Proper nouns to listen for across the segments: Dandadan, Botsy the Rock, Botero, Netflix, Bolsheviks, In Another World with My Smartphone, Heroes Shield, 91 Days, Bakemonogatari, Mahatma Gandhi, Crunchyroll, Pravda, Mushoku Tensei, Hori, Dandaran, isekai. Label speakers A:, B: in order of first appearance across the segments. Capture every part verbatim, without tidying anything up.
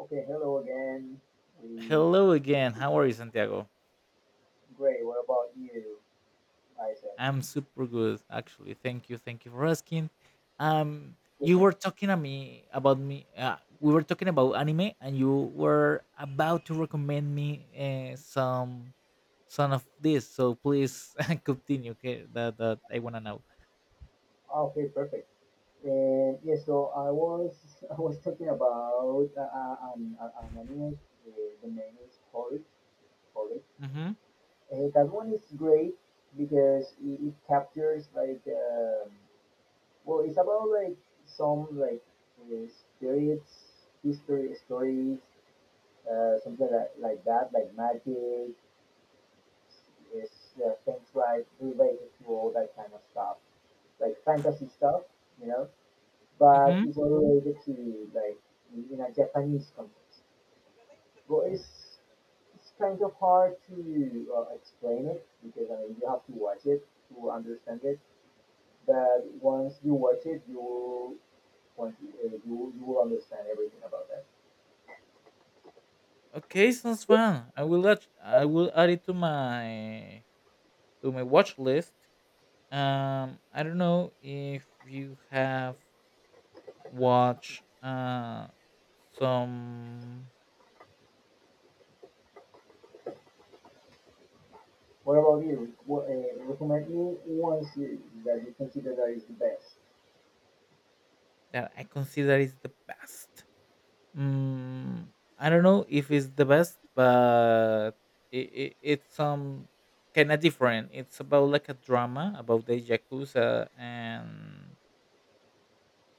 A: Okay, hello again. We
B: Hello again. How are you, Santiago?
A: Great. What about you, Isaac?
B: I'm super good, actually. Thank you. Thank you for asking. Um, you
A: Listen.
B: were talking to me about me. Uh, we were talking about anime, and you were about to recommend me uh, some some of this. So please continue. Okay, that that I wanna know.
A: Okay, perfect. And yes, so I was I was talking about uh, uh, an, uh, an anime. Uh, the name is Hori. Hori.
B: Mhm.
A: Uh, that one is great because it, it captures like um, well, it's about like some like uh, spirits, history stories, uh, something like, like that, like magic is uh, things like related to all that kind of stuff, like fantasy stuff, you know, but
B: Mhm.
A: it's all related to like in in a Japanese context. But it's it's kind of hard to uh, explain it because I mean you have to watch it to understand it. But once you watch it, you'll once you, uh, you you will understand everything about that.
B: Okay, sounds fun. I will add, I will add it to my to my watch list. Um, I don't know if you have watch uh, some
A: What about you? What, uh, recommend me one series that you consider that is the best.
B: that I consider is the best. Mm, I don't know if it's the best, but it, it, it's um kind of different. It's about like a drama about the yakuza and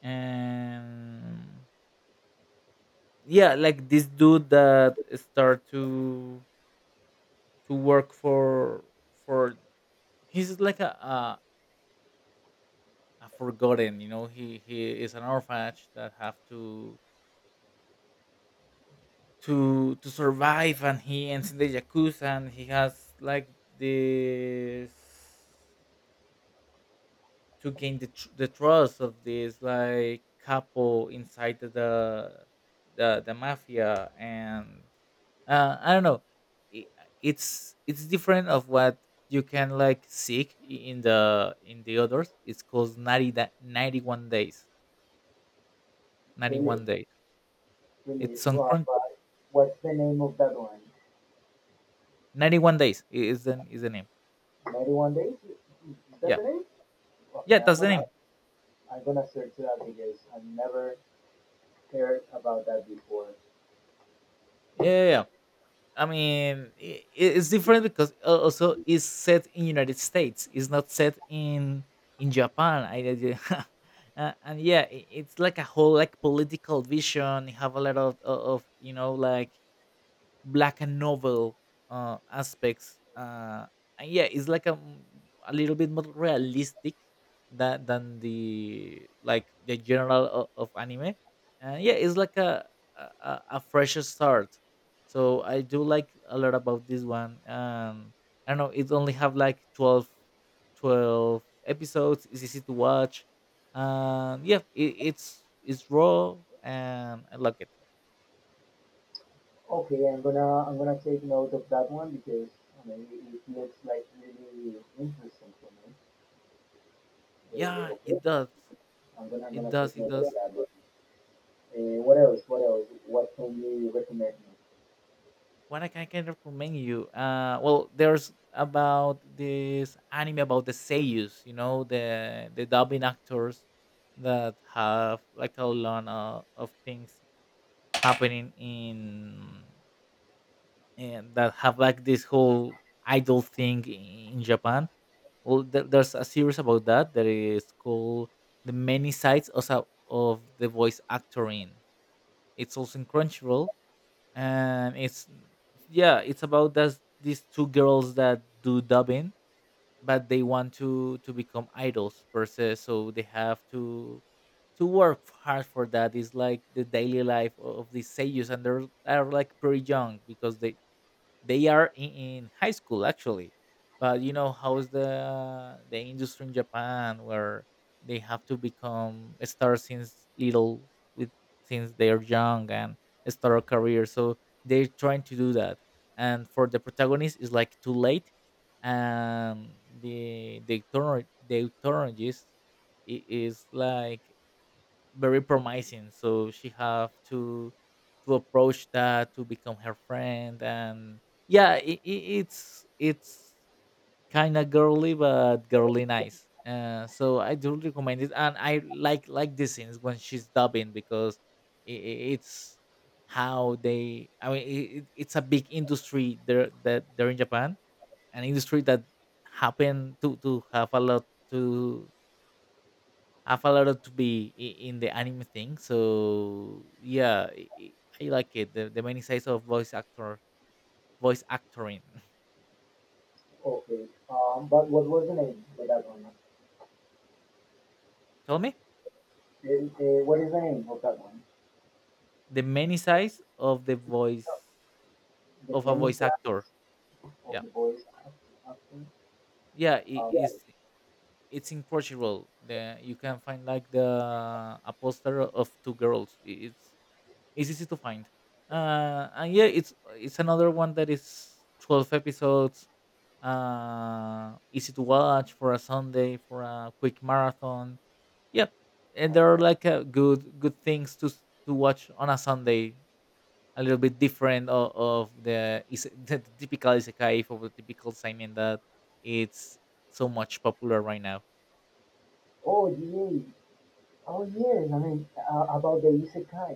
B: and yeah, like this dude that start to to work for for he's like a, a a forgotten, you know, he he is an orphanage that have to to to survive, and he ends in the yakuza, and he has like this to gain the, tr- the trust of this like couple inside the the, the, the mafia, and uh, I don't know it, it's it's different of what you can like seek i- in the in the others. It's called 90 da- ninety-one days. ninety-one
A: Really?
B: days.
A: Really
B: It's on
A: well,
B: crunch.
A: but what's the name of that one?
B: ninety-one days i- is the, is the name.
A: ninety-one Days? Is that
B: Yeah,
A: the name? Okay,
B: yeah,
A: I'm
B: that's the
A: gonna
B: name.
A: I'm gonna search that because I've never heard about that before.
B: Yeah, yeah, yeah. I mean, i- i- it's different because al- also it's set in United States. It's not set in in Japan. I, I- did- uh, and yeah, i- it's like a whole like political vision. You have a lot of o- of you know like black and novel uh, aspects. Uh, and yeah, it's like a, m- a little bit more realistic than than the like the general o- of anime. And yeah, it's like a a, a a fresh start. So I do like a lot about this one. Um, I don't know, it only have like twelve twelve episodes. It's easy to watch. Um, yeah, it, it's it's raw and I like it.
A: Okay, I'm gonna I'm gonna take note of that one because I mean it, it looks like really interesting for me. Uh,
B: Yeah, it
A: okay,
B: does.
A: I'm gonna I'm
B: It
A: gonna
B: does,
A: take
B: it
A: note of
B: does.
A: that one. Uh, what else? What else? What can you recommend me?
B: What I can, I can recommend you, uh, well, there's about this anime about the seiyus, you know, the the dubbing actors that have like a lot of, of things happening in and that have like this whole idol thing in Japan. Well, there, there's a series about that that is called "The Many Sides also of the Voice Actoring." It's also in Crunchyroll, and it's yeah it's about this, these two girls that do dubbing, but they want to to become idols per se, so they have to to work hard for that. It's like the daily life of these seiyus, and they're are like pretty young because they they are in, in high school actually. But you know how is the the industry in Japan, where they have to become a star since little, with since they are young, and start a career, so they're trying to do that. And for the protagonist it's like too late. And the the turn the turn is is like very promising, so she have to to approach that to become her friend. And yeah, it, it's it's kind of girly, but girly nice. uh, so I do recommend it, and I like like the scenes when she's dubbing, because i i- it's how they. I mean, it, it- it's a big industry there that they're in Japan. An industry that happen to to have a lot to have a lot of to be i- in the anime thing. So yeah, I, I I like it. The, the many sides of voice actor voice actoring.
A: Okay, um, but what was the name of that one?
B: Tell me
A: Uh, uh, what is the name of that one?
B: the many sides of the voice
A: The
B: of a
A: many
B: voice
A: stars
B: actor.
A: of
B: Yeah,
A: the boys often.
B: yeah, it
A: Um, yes.
B: is. It's incredible. The you can find like the a poster of two girls. I- It's it's easy to find. Uh, and yeah, it's it's another one that is twelve episodes, uh, easy to watch for a Sunday, for a quick marathon. Yep, and there are
A: Okay.
B: like uh, good good things to s- to watch on a Sunday. A little bit different of, of the, is- the typical isekai or the typical seinen that it's so much popular right now.
A: Oh, yeah. Oh, yes. I mean, uh, about the isekai,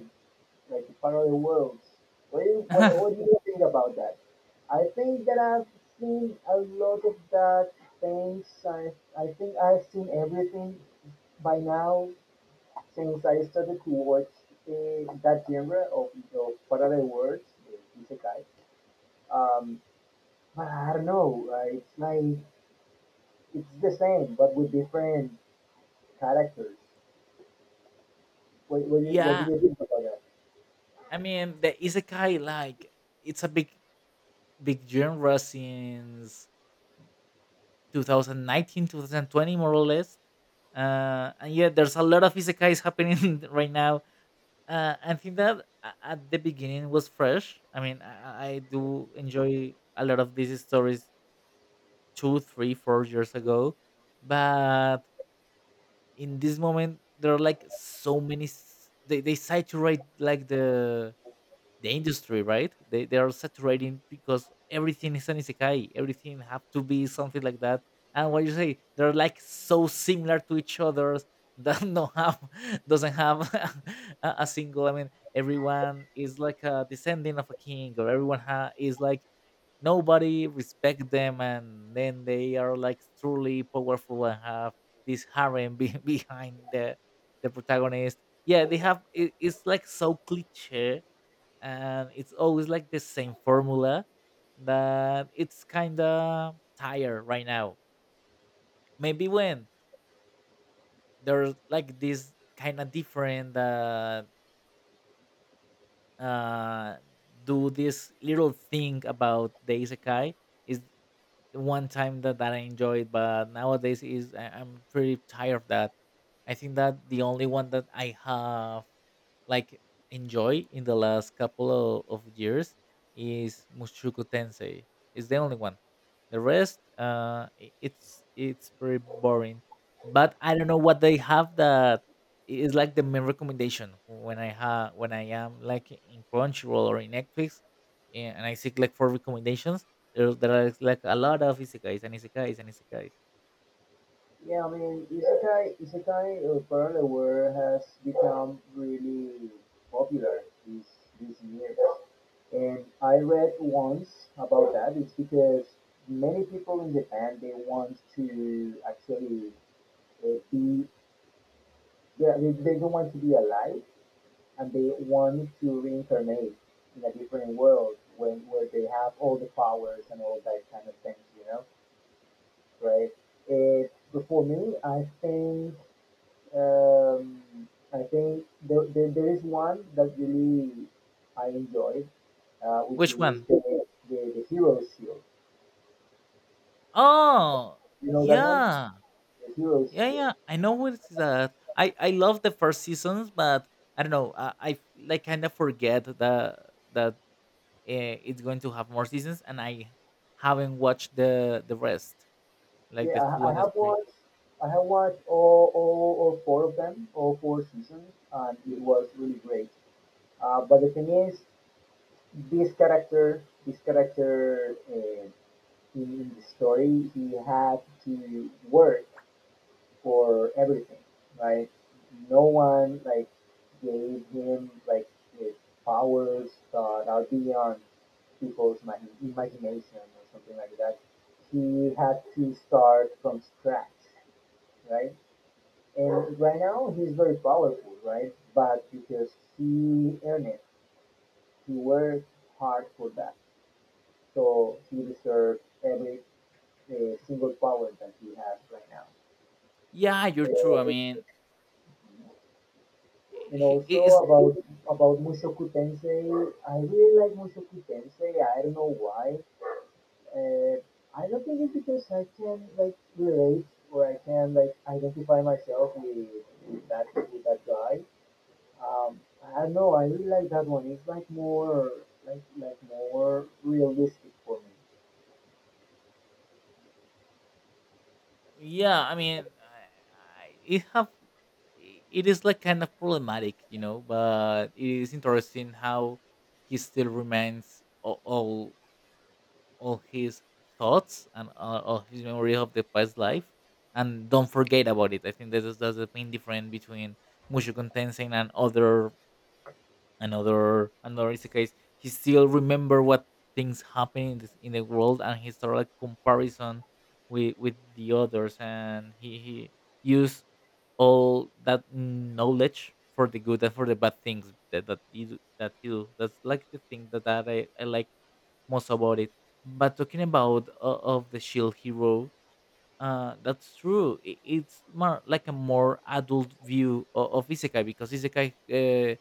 A: like the parallel worlds. What do, you, what, what do you think about that? I think that I've seen a lot of that things. I, I think I've seen everything by now since I started to watch uh, that genre of, of parallel worlds, the isekai. Um, but I don't know. Uh, it's like it's the same, but with different characters. What, what, do you, what do
B: yeah,
A: you think about that?
B: I mean the isekai like it's a big big genre since twenty nineteen two thousand twenty more or less. uh, and yeah there's a lot of isekais happening right now. uh, I think that a- at the beginning was fresh. I mean, I, I do enjoy a lot of these stories two three four years ago, but in this moment there are like so many s- they, they saturate like the the industry, right? They they are saturating because everything is an isekai. Everything have to be something like that. And what you say, they're like so similar to each other that no have doesn't have a, a single. I mean, everyone is like a descendant of a king, or everyone ha- is like nobody respect them, and then they are like truly powerful, and have this harem be- behind the the protagonist. Yeah, they have. It, it's like so cliche, and it's always like the same formula that it's kind of tired right now. Maybe when there's like this kind of different that uh, do this little thing about the isekai is the one time that, that I enjoyed, but nowadays is I, I'm pretty tired of that. I think that the only one that I have like enjoy in the last couple of, of years is Mushoku Tensei. It's the only one. The rest, uh, i- it's it's pretty boring. But I don't know what they have that is like the main recommendation when I have when I am like in Crunchyroll or in Netflix, eh, and I seek like for recommendations. there there are like a lot of isekais, and isekais, and isekais.
A: Yeah, I mean, isekai, isekai or parallel world has become really popular these these years. And I read once about that. It's because many people in Japan they want to actually uh, be they, they they don't want to be alive and they want to reincarnate in a different world when where they have all the powers and all that kind of things, you know right? It, for me, I think um, I think there, there, there is one that really I enjoyed, uh, which
B: Which
A: is
B: one?
A: the, the the Heroes Shield.
B: Oh,
A: You know that one,
B: yeah.
A: the Heroes
B: Yeah,
A: Shield.
B: yeah. I know it's that. I I love the first seasons, but I don't know. I, I like kind of forget that that uh, it's going to have more seasons, and I haven't watched the the rest, like the
A: Yeah,
B: two
A: I, I
B: and the
A: have
B: three.
A: watched I have watched all, all all four of them, all four seasons, and it was really great. Uh, but the thing is, this character, this character uh, in, in the story, he had to work for everything, right? No one like gave him like his powers that are beyond people's imagin imagination or something like that. He had to start from scratch, right? And right now he's very powerful, right? But because he earned it, he worked hard for that. So he deserves every uh, single power that he has right now.
B: Yeah, you're true. I
A: Uh,
B: mean,
A: And
B: i-
A: also
B: i- it's
A: about about Mushoku Tensei, I really like Mushoku Tensei. I don't know why. Uh, I don't think it's because I can like relate or I can like identify myself with, with that with that guy. Um, I don't know. I really like that one. It's like more like like more realistic for me.
B: yeah. I mean, I, I, it have it is like kind of problematic, you know, but it is interesting how he still remains all all, all his thoughts, and all, all his memory of the past life, and don't forget about it. I think that is that's the main difference between Mushoku Tensei and other another another is the case. He still remember what things happen in, this, in the world, and he started like comparison with with the others, and he he used all that knowledge for the good and for the bad things that that he, do- that he do. That's like the thing that, that I, I like most about it. But talking about uh, of the shield hero, uh, that's true. I- It's more like a more adult view of, of isekai, because isekai uh,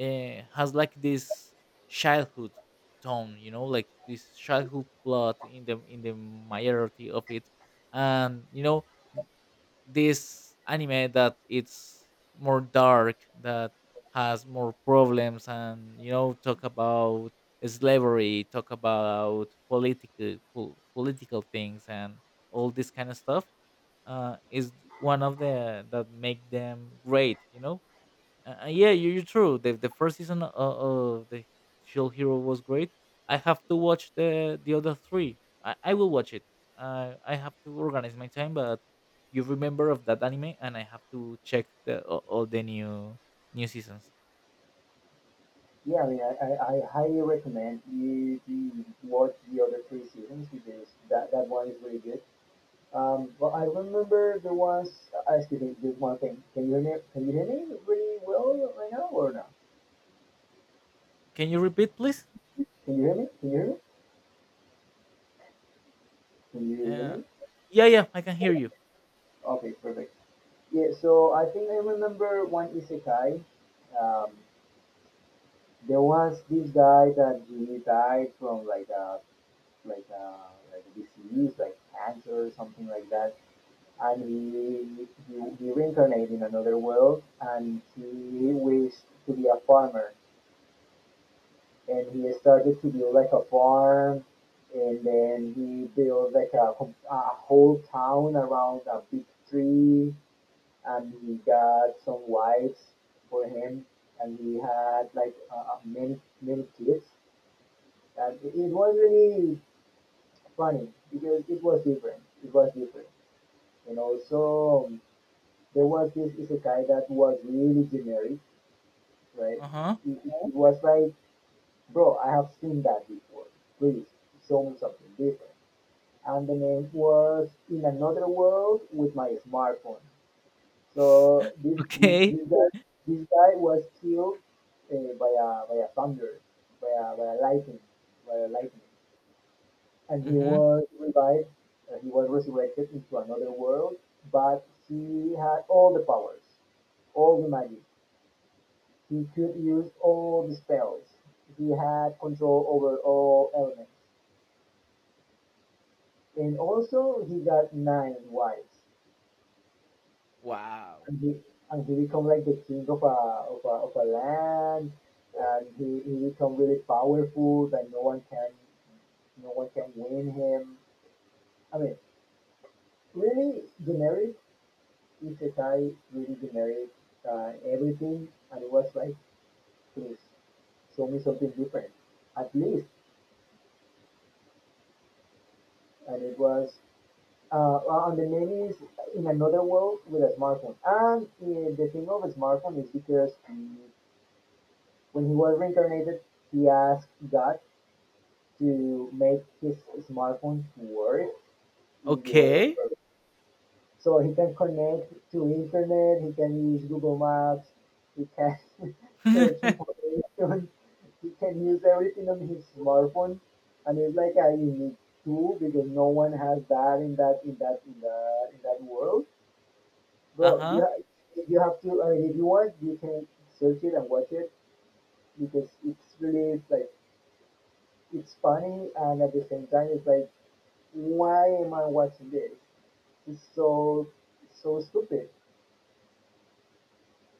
B: uh, has like this childhood tone, you know, like this childhood plot in the in the majority of it. And you know n- this anime that it's more dark, that has more problems, and you know talk about slavery, talk about political pol- political things, and all this kind of stuff uh, is one of the that make them great. You know, uh, uh, yeah, you- you're true. The the first season of, of the Shield Hero was great. I have to watch the the other three. I, I will watch it. Uh, I have to organize my time, but you remember of that anime, and I have to check the all, all the new new seasons.
A: Yeah, I mean, I, I, I highly recommend you, you watch the other three seasons because that, that one is really good. Um, well, I remember there was. Uh, excuse me. There's one thing. Can you hear me? Can you hear me really well right now or no?
B: Can you repeat, please?
A: Can you hear me? Can you hear me? Can you hear
B: Uh,
A: me?
B: yeah, yeah, I can hear you.
A: Okay, perfect. Yeah. So I think I remember one isekai. Um, there was this guy that he died from like a like a like a disease, like cancer or something like that, and he he, he reincarnated in another world, and he wished to be a farmer and he started to build like a farm and then he built like a, a whole town around a big tree and he got some wives for him and he had like uh, uh, many many kids and it was really funny because it was different it was different and also um, there was this isekai that was really generic, right?
B: Uh huh.
A: It, it it was like, bro, I have seen that before. Please show me something different. And the name was In Another World with My Smartphone. So this this,
B: okay.
A: this guy this guy was killed uh, by a by a thunder, by a by a lightning, by a lightning, and he
B: Mm-hmm.
A: was revived. Uh, he was resurrected into another world, but he had all the powers, all the magic. He could use all the spells. He had control over all elements. And also he got nine wives,
B: Wow.
A: and he and he become like the king of a of a, of a land, and he, he become really powerful that no one can no one can win him. I mean, really generic isekai, really generic uh, everything, and it was like, please show me something different, at least. And it was Uh, well, and the name is In Another World with a Smartphone. And uh, the thing of a smartphone is because mm, when he was reincarnated, he asked God to make his smartphone work in the other
B: Okay.
A: world. So he can connect to internet, he can use Google Maps, he can search
B: uh
A: information, he can use everything on his smartphone. And it's like a unique tool because no one has that in that in that in that in that world. Bro, you
B: huh.
A: ha- you have to. I mean, if you want, you can search it and watch it because it's really like it's funny and at the same time it's like, why am I watching this? It's so so stupid.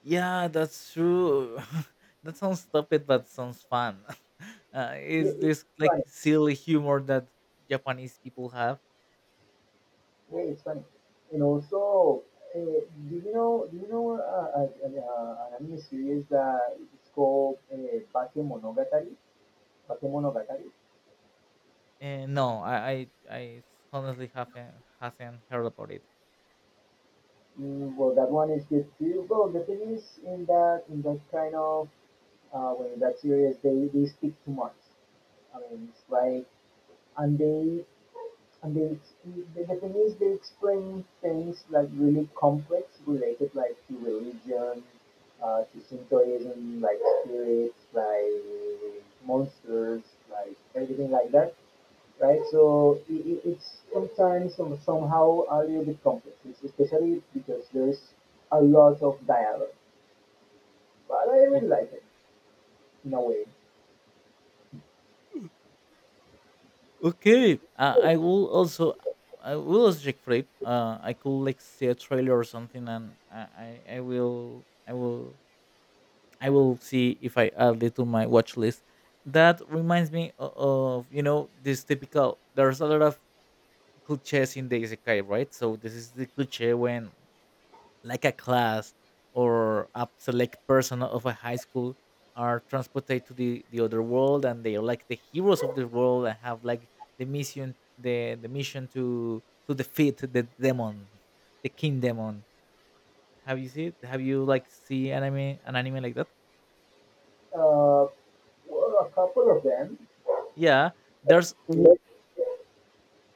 B: Yeah, that's true. that sounds stupid, but sounds fun. uh,
A: Yeah,
B: is
A: it's
B: this like
A: funny.
B: silly humor that Japanese people have?
A: Yeah, it's funny. And also, uh, do you know do you know uh, uh, uh, an anime series that it's called uh, Bakemonogatari? Bakemonogatari.
B: And no, I, I, I honestly haven't hasn't heard about it.
A: Mm, well, that one is good too. Well, the thing is, in that in that kind of uh, when that's serious, they, they speak too much, I mean, it's like and they and they the, the thing is they explain things like really complex related like to religion, uh, to Shintoism, like spirits, like monsters, like everything like that, right? So it, it, it's sometimes some, somehow a little bit complex, it's especially because there's a lot of dialogue. But I really
B: O-
A: like it in a way.
B: Okay, uh, I will also I will also check for it. Uh, I could like see a trailer or something, and I, I, I will I will I will see if I add it to my watch list. That reminds me o- of you know this typical. There's a lot of cliches in the isekai, right? So this is the cliche when like a class or a select person of a high school are transported to the, the other world, and they are like the heroes of the world, and have like the mission the, the mission to to defeat the demon, the king demon. Have you seen it? Have you like see anime an anime like that?
A: uh, well, a couple of them.
B: Yeah. There's
A: Let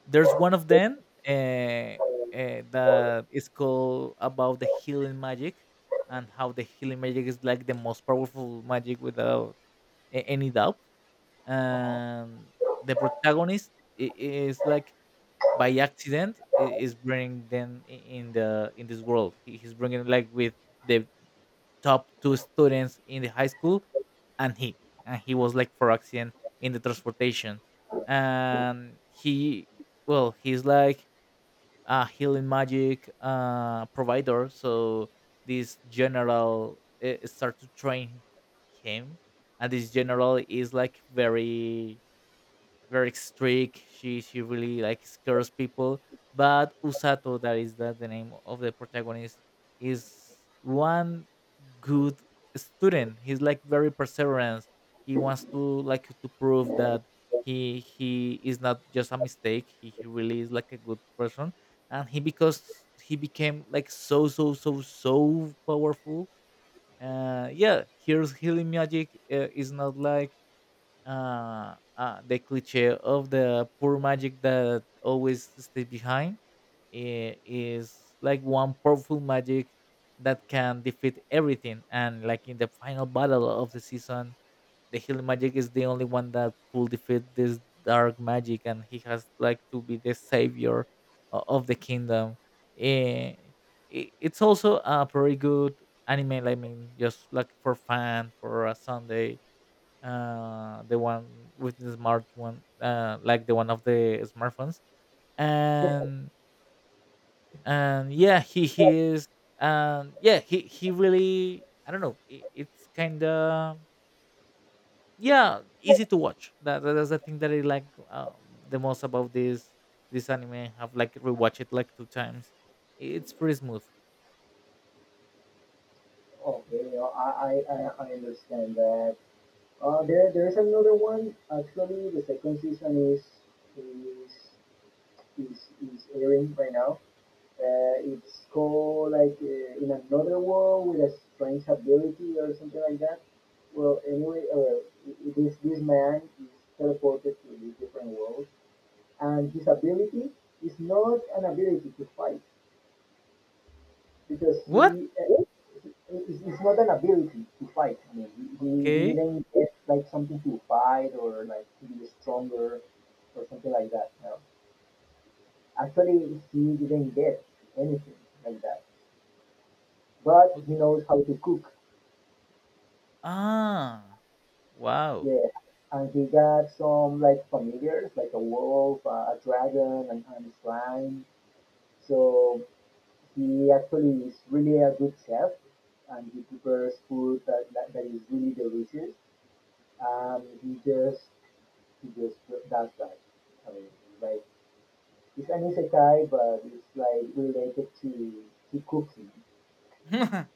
B: there's one of them uh, uh, that is called about the healing magic, and how the healing magic is like the most powerful magic without a- any doubt.
A: Uh-huh.
B: And the protagonist i- is like by accident i- is bringing them i- in the in this world. He- He's bringing like with the top two students in the high school and he and he was like for accident in the transportation and he well he's like a healing magic uh, provider. So this general uh, start to train him, and this general is like very very strict. She she really like scares people. But Usato, that is that the name of the protagonist, is one good student. He's like very perseverance. He wants to like to prove that he he is not just a mistake. He, he really is like a good person. And he because he became like so so so so powerful. Uh, yeah, here's healing magic uh, is not like uh, uh, the cliche of the poor magic that always stays behind i- is like one powerful magic that can defeat everything. And like in the final battle of the season, the healing magic is the only one that could defeat this dark magic, and he has like to be the savior o- of the kingdom. Eh, i- It's also a very good anime. Like, I mean, just like for fun for a Sunday, uh the one with the smart one uh like the one of the smartphones and and yeah he he is um yeah he he really I don't know it, it's kind of yeah easy to watch that that's the thing that I like uh, the most about this this anime. I've like rewatched it like two times. It's pretty smooth.
A: Okay, uh, I, I, I I understand that. Uh, there, there is another one. Actually, the second season is is is, is airing right now. Uh, it's called like uh, in another world with a strange ability or something like that. Well, anyway, uh, this this man is teleported to this different world, and his ability is not an ability to fight. because
B: What?
A: he uh, it's, it's not an ability to fight. I mean, he, he
B: Okay.
A: didn't get like something to fight or like to be stronger or something like that. No. Actually, he didn't get anything like that. But he
B: Okay.
A: knows how to cook.
B: Ah. Wow.
A: Yeah, and he got some like familiars, like a wolf, uh, a dragon, and, and a slime. So he actually is really a good chef, and he prepares food that, that, that is really delicious. Um, he just he just does that. I mean, like it's an isekai, but it's like related to to cooking.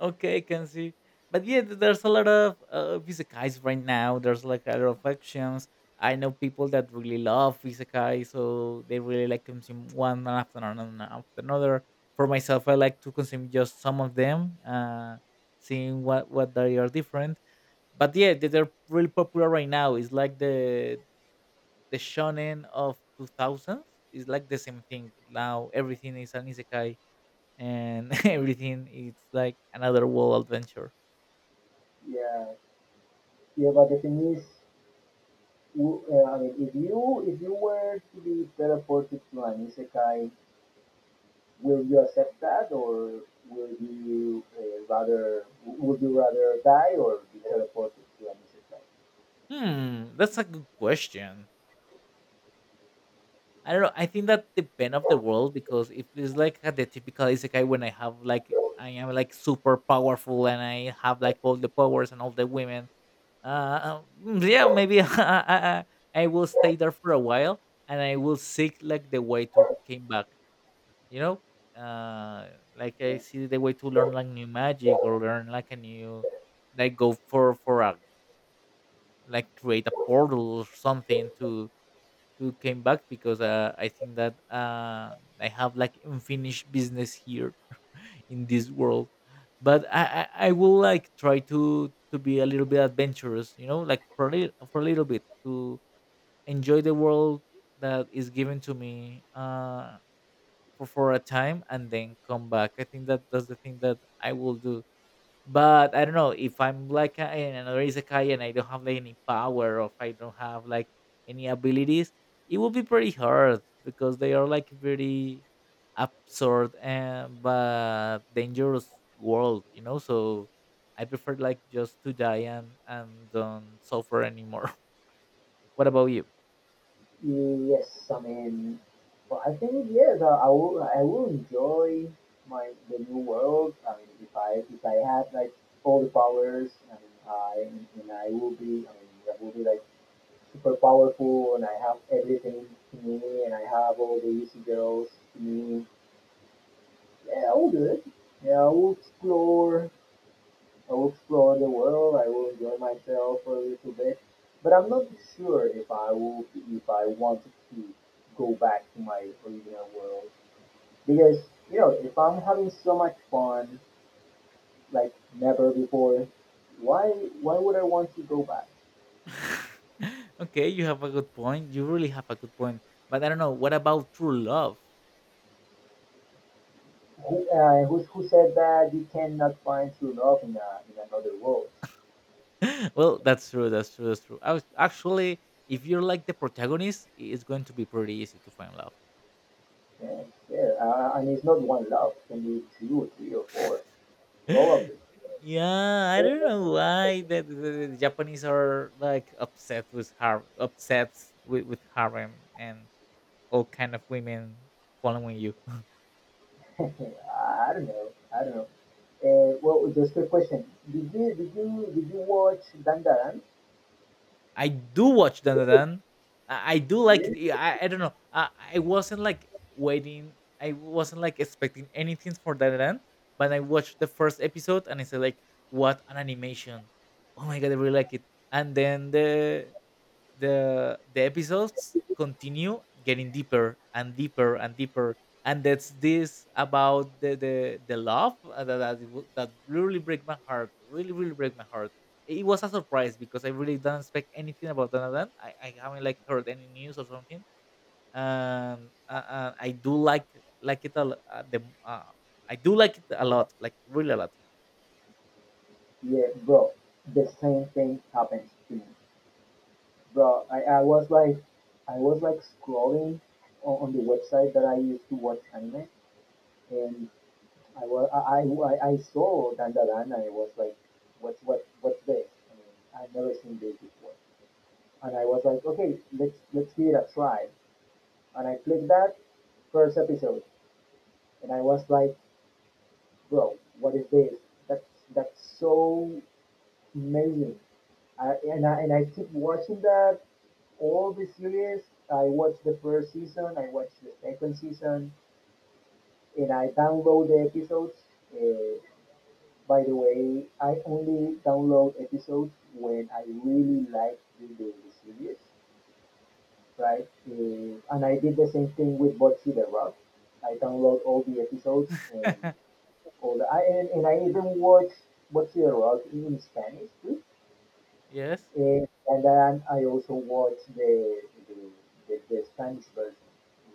B: Okay, I can see. But yeah, th- there's a lot of uh, Isekai right now. There's like a lot of actions. I know people that really love Isekai, so they really like consume one after another after another. For myself, I like to consume just some of them, uh, seeing what what they are different. But yeah, they- they're really popular right now. It's like the the shonen of two thousands. It's like the same thing now. Everything is an Isekai and everything it's like another world adventure.
A: Yeah, yeah. But the thing is, w- uh, I mean, if you if you were to be teleported to an isekai, will you accept that, or will you uh, rather would you rather die or be teleported to an isekai?
B: Hmm, that's a good question. I don't know, I think that depend of the world, because if it's like a- the typical isekai when I have like I am like super powerful and I have like all the powers and all the women. Uh mm, yeah, maybe I, I I will stay there for a while and I will seek like the way to came back, you know. Uh, like I see the way to learn like new magic or learn like a new, like go for for a, like create a portal or something to to came back because uh, I think that uh, I have like unfinished business here in this world. But I, I I will like try to to be a little bit adventurous, you know, like for a little, for a little bit to enjoy the world that is given to me, uh, for for a time and then come back. I think that that's the thing that I will do, but I don't know if I'm like uh, in another isekai and I don't have like any power, or if I don't have like any abilities, it would be pretty hard because they are like very absurd and but dangerous world, you know. So I prefer like just to die and and don't suffer anymore. What about you?
A: Yes, I mean, but I think yes, I, I will. I will enjoy my the new world. I mean, if I if I had like all the powers, I mean, I and I will be. I mean, I will be like super powerful, and I have everything to me, and I have all the easy girls to me. Yeah, I will do it. Yeah, I will explore. I will explore the world. I will enjoy myself for a little bit, but I'm not sure if I will if I want to go back to my original world because you know if I'm having so much fun like never before, why why would I want to go back?
B: Okay, you have a good point. You really have a good point. But I don't know, what about true love?
A: Who uh, who, who said that you cannot find true love in a, in another world?
B: Well, that's true. That's true. That's true. I was, actually, if you're like the protagonist, it's going to be pretty easy to find love.
A: Yeah, yeah, uh, and it's not one love. It can be two, three, or four, probably.
B: Yeah, I don't know why the, the, the the Japanese are like upset with har upsets with, with harem and all kind of women following you.
A: I don't know. I don't know. Uh, well, just a question. Did you did you did you watch Dandaran?
B: I do watch Dan Dan Dan. I I do like it.
A: Yeah.
B: Yeah, I, I don't know. I, I wasn't like waiting. I wasn't like expecting anything for Dan Dan Dan. But I watched the first episode and I said like, what an animation! Oh my god, I really like it. And then the the the episodes continue getting deeper and deeper and deeper, and that's this about the the, the love uh, that that, w- that really break my heart, really really break my heart. It was a surprise because I really don't expect anything about Donovan. i, I haven't like heard any news or something. And uh, uh, I do like like it a l- uh, the uh, I do like it a lot, like really a lot.
A: Yeah, bro. The same thing happens to me, bro. I, I was like, I was like scrolling on, on the website that I used to watch anime, and I was I I, I I saw Dandaran, and I was like, what's what what's this? I mean, I've never seen this before, and I was like, okay, let's let's give it a try, and I clicked that first episode, and I was like, bro, what is this? That's that's so amazing. I, and I and I keep watching that all the series. I watched the first season, I watched the second season, and I download the episodes. Uh, by the way, I only download episodes when I really like the, the series. Right? Uh, and I did the same thing with Botsy the Rock. I download all the episodes and all the, I, and, and I even watch Botsy the Rock in Spanish too.
B: Yes.
A: Uh, and then I also watch the the, the, the Spanish version,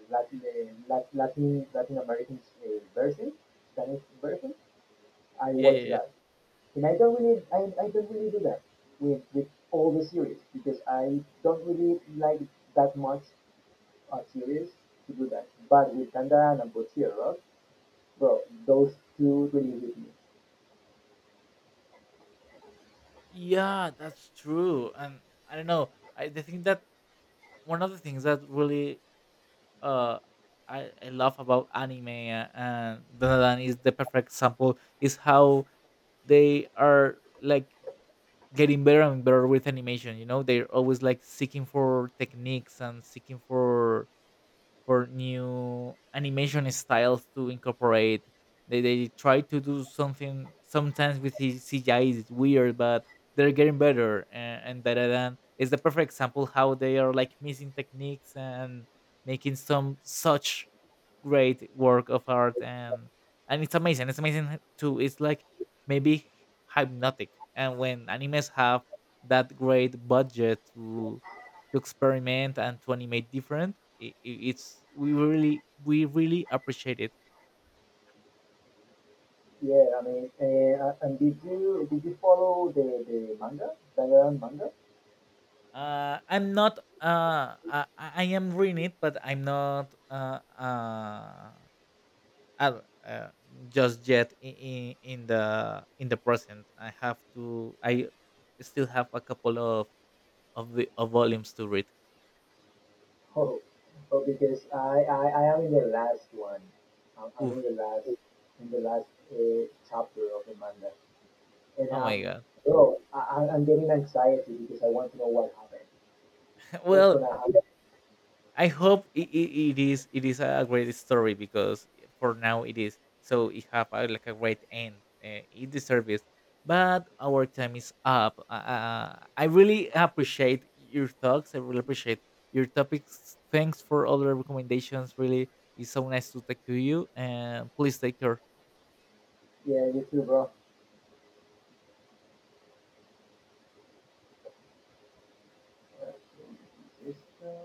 A: Latin uh, Latin Latin American uh, version, Spanish version. I
B: Yeah,
A: watch
B: yeah, yeah.
A: that, and I don't really I, I don't really do that with with all the series because I don't really like that much uh, series to do that. But with Dandara and Botero, bro, those two really hit me.
B: Yeah, that's true. And I don't know, I, the thing that one of the things that really uh I, I love about anime, uh, and Dandadan is the perfect example, is how they are like getting better and better with animation. You know, they're always like seeking for techniques and seeking for for new animation styles to incorporate. They they try to do something sometimes with the C G I is weird, but they're getting better. And, and that da da the perfect example how they are like missing techniques and making some such great work of art. and and it's amazing. It's amazing h- too. It's like maybe hypnotic. And when animes have that great budget to to experiment and to animate different, I it's we really we really appreciate it.
A: Yeah, I mean, eh, uh, and did you did you follow the, the manga, Dandaran manga?
B: Uh, I'm not. Uh, I, I I am reading it, but I'm not. Uh, uh, ad- uh, just yet in, in the in the present. I have to. I still have a couple of of the of volumes to read.
A: Oh, oh, because I, I, I am in the last one. I'm, I'm in
B: Oof.
A: the last in the last uh, chapter of the manga, and
B: Oh my
A: um,
B: god.
A: bro, I, I- I'm getting anxiety because I want to know what happened. What's
B: Well,
A: gonna happen?
B: I hope it, it, it is it is a great story because for now it is. So it have a, like a great end. Uh, it deserves it. But our time is up. Uh, uh, I really appreciate your thoughts. I really appreciate your topics. Thanks for all the recommendations. Really, it's so nice to talk to you. And please take care.
A: Yeah, you too, bro. Uh,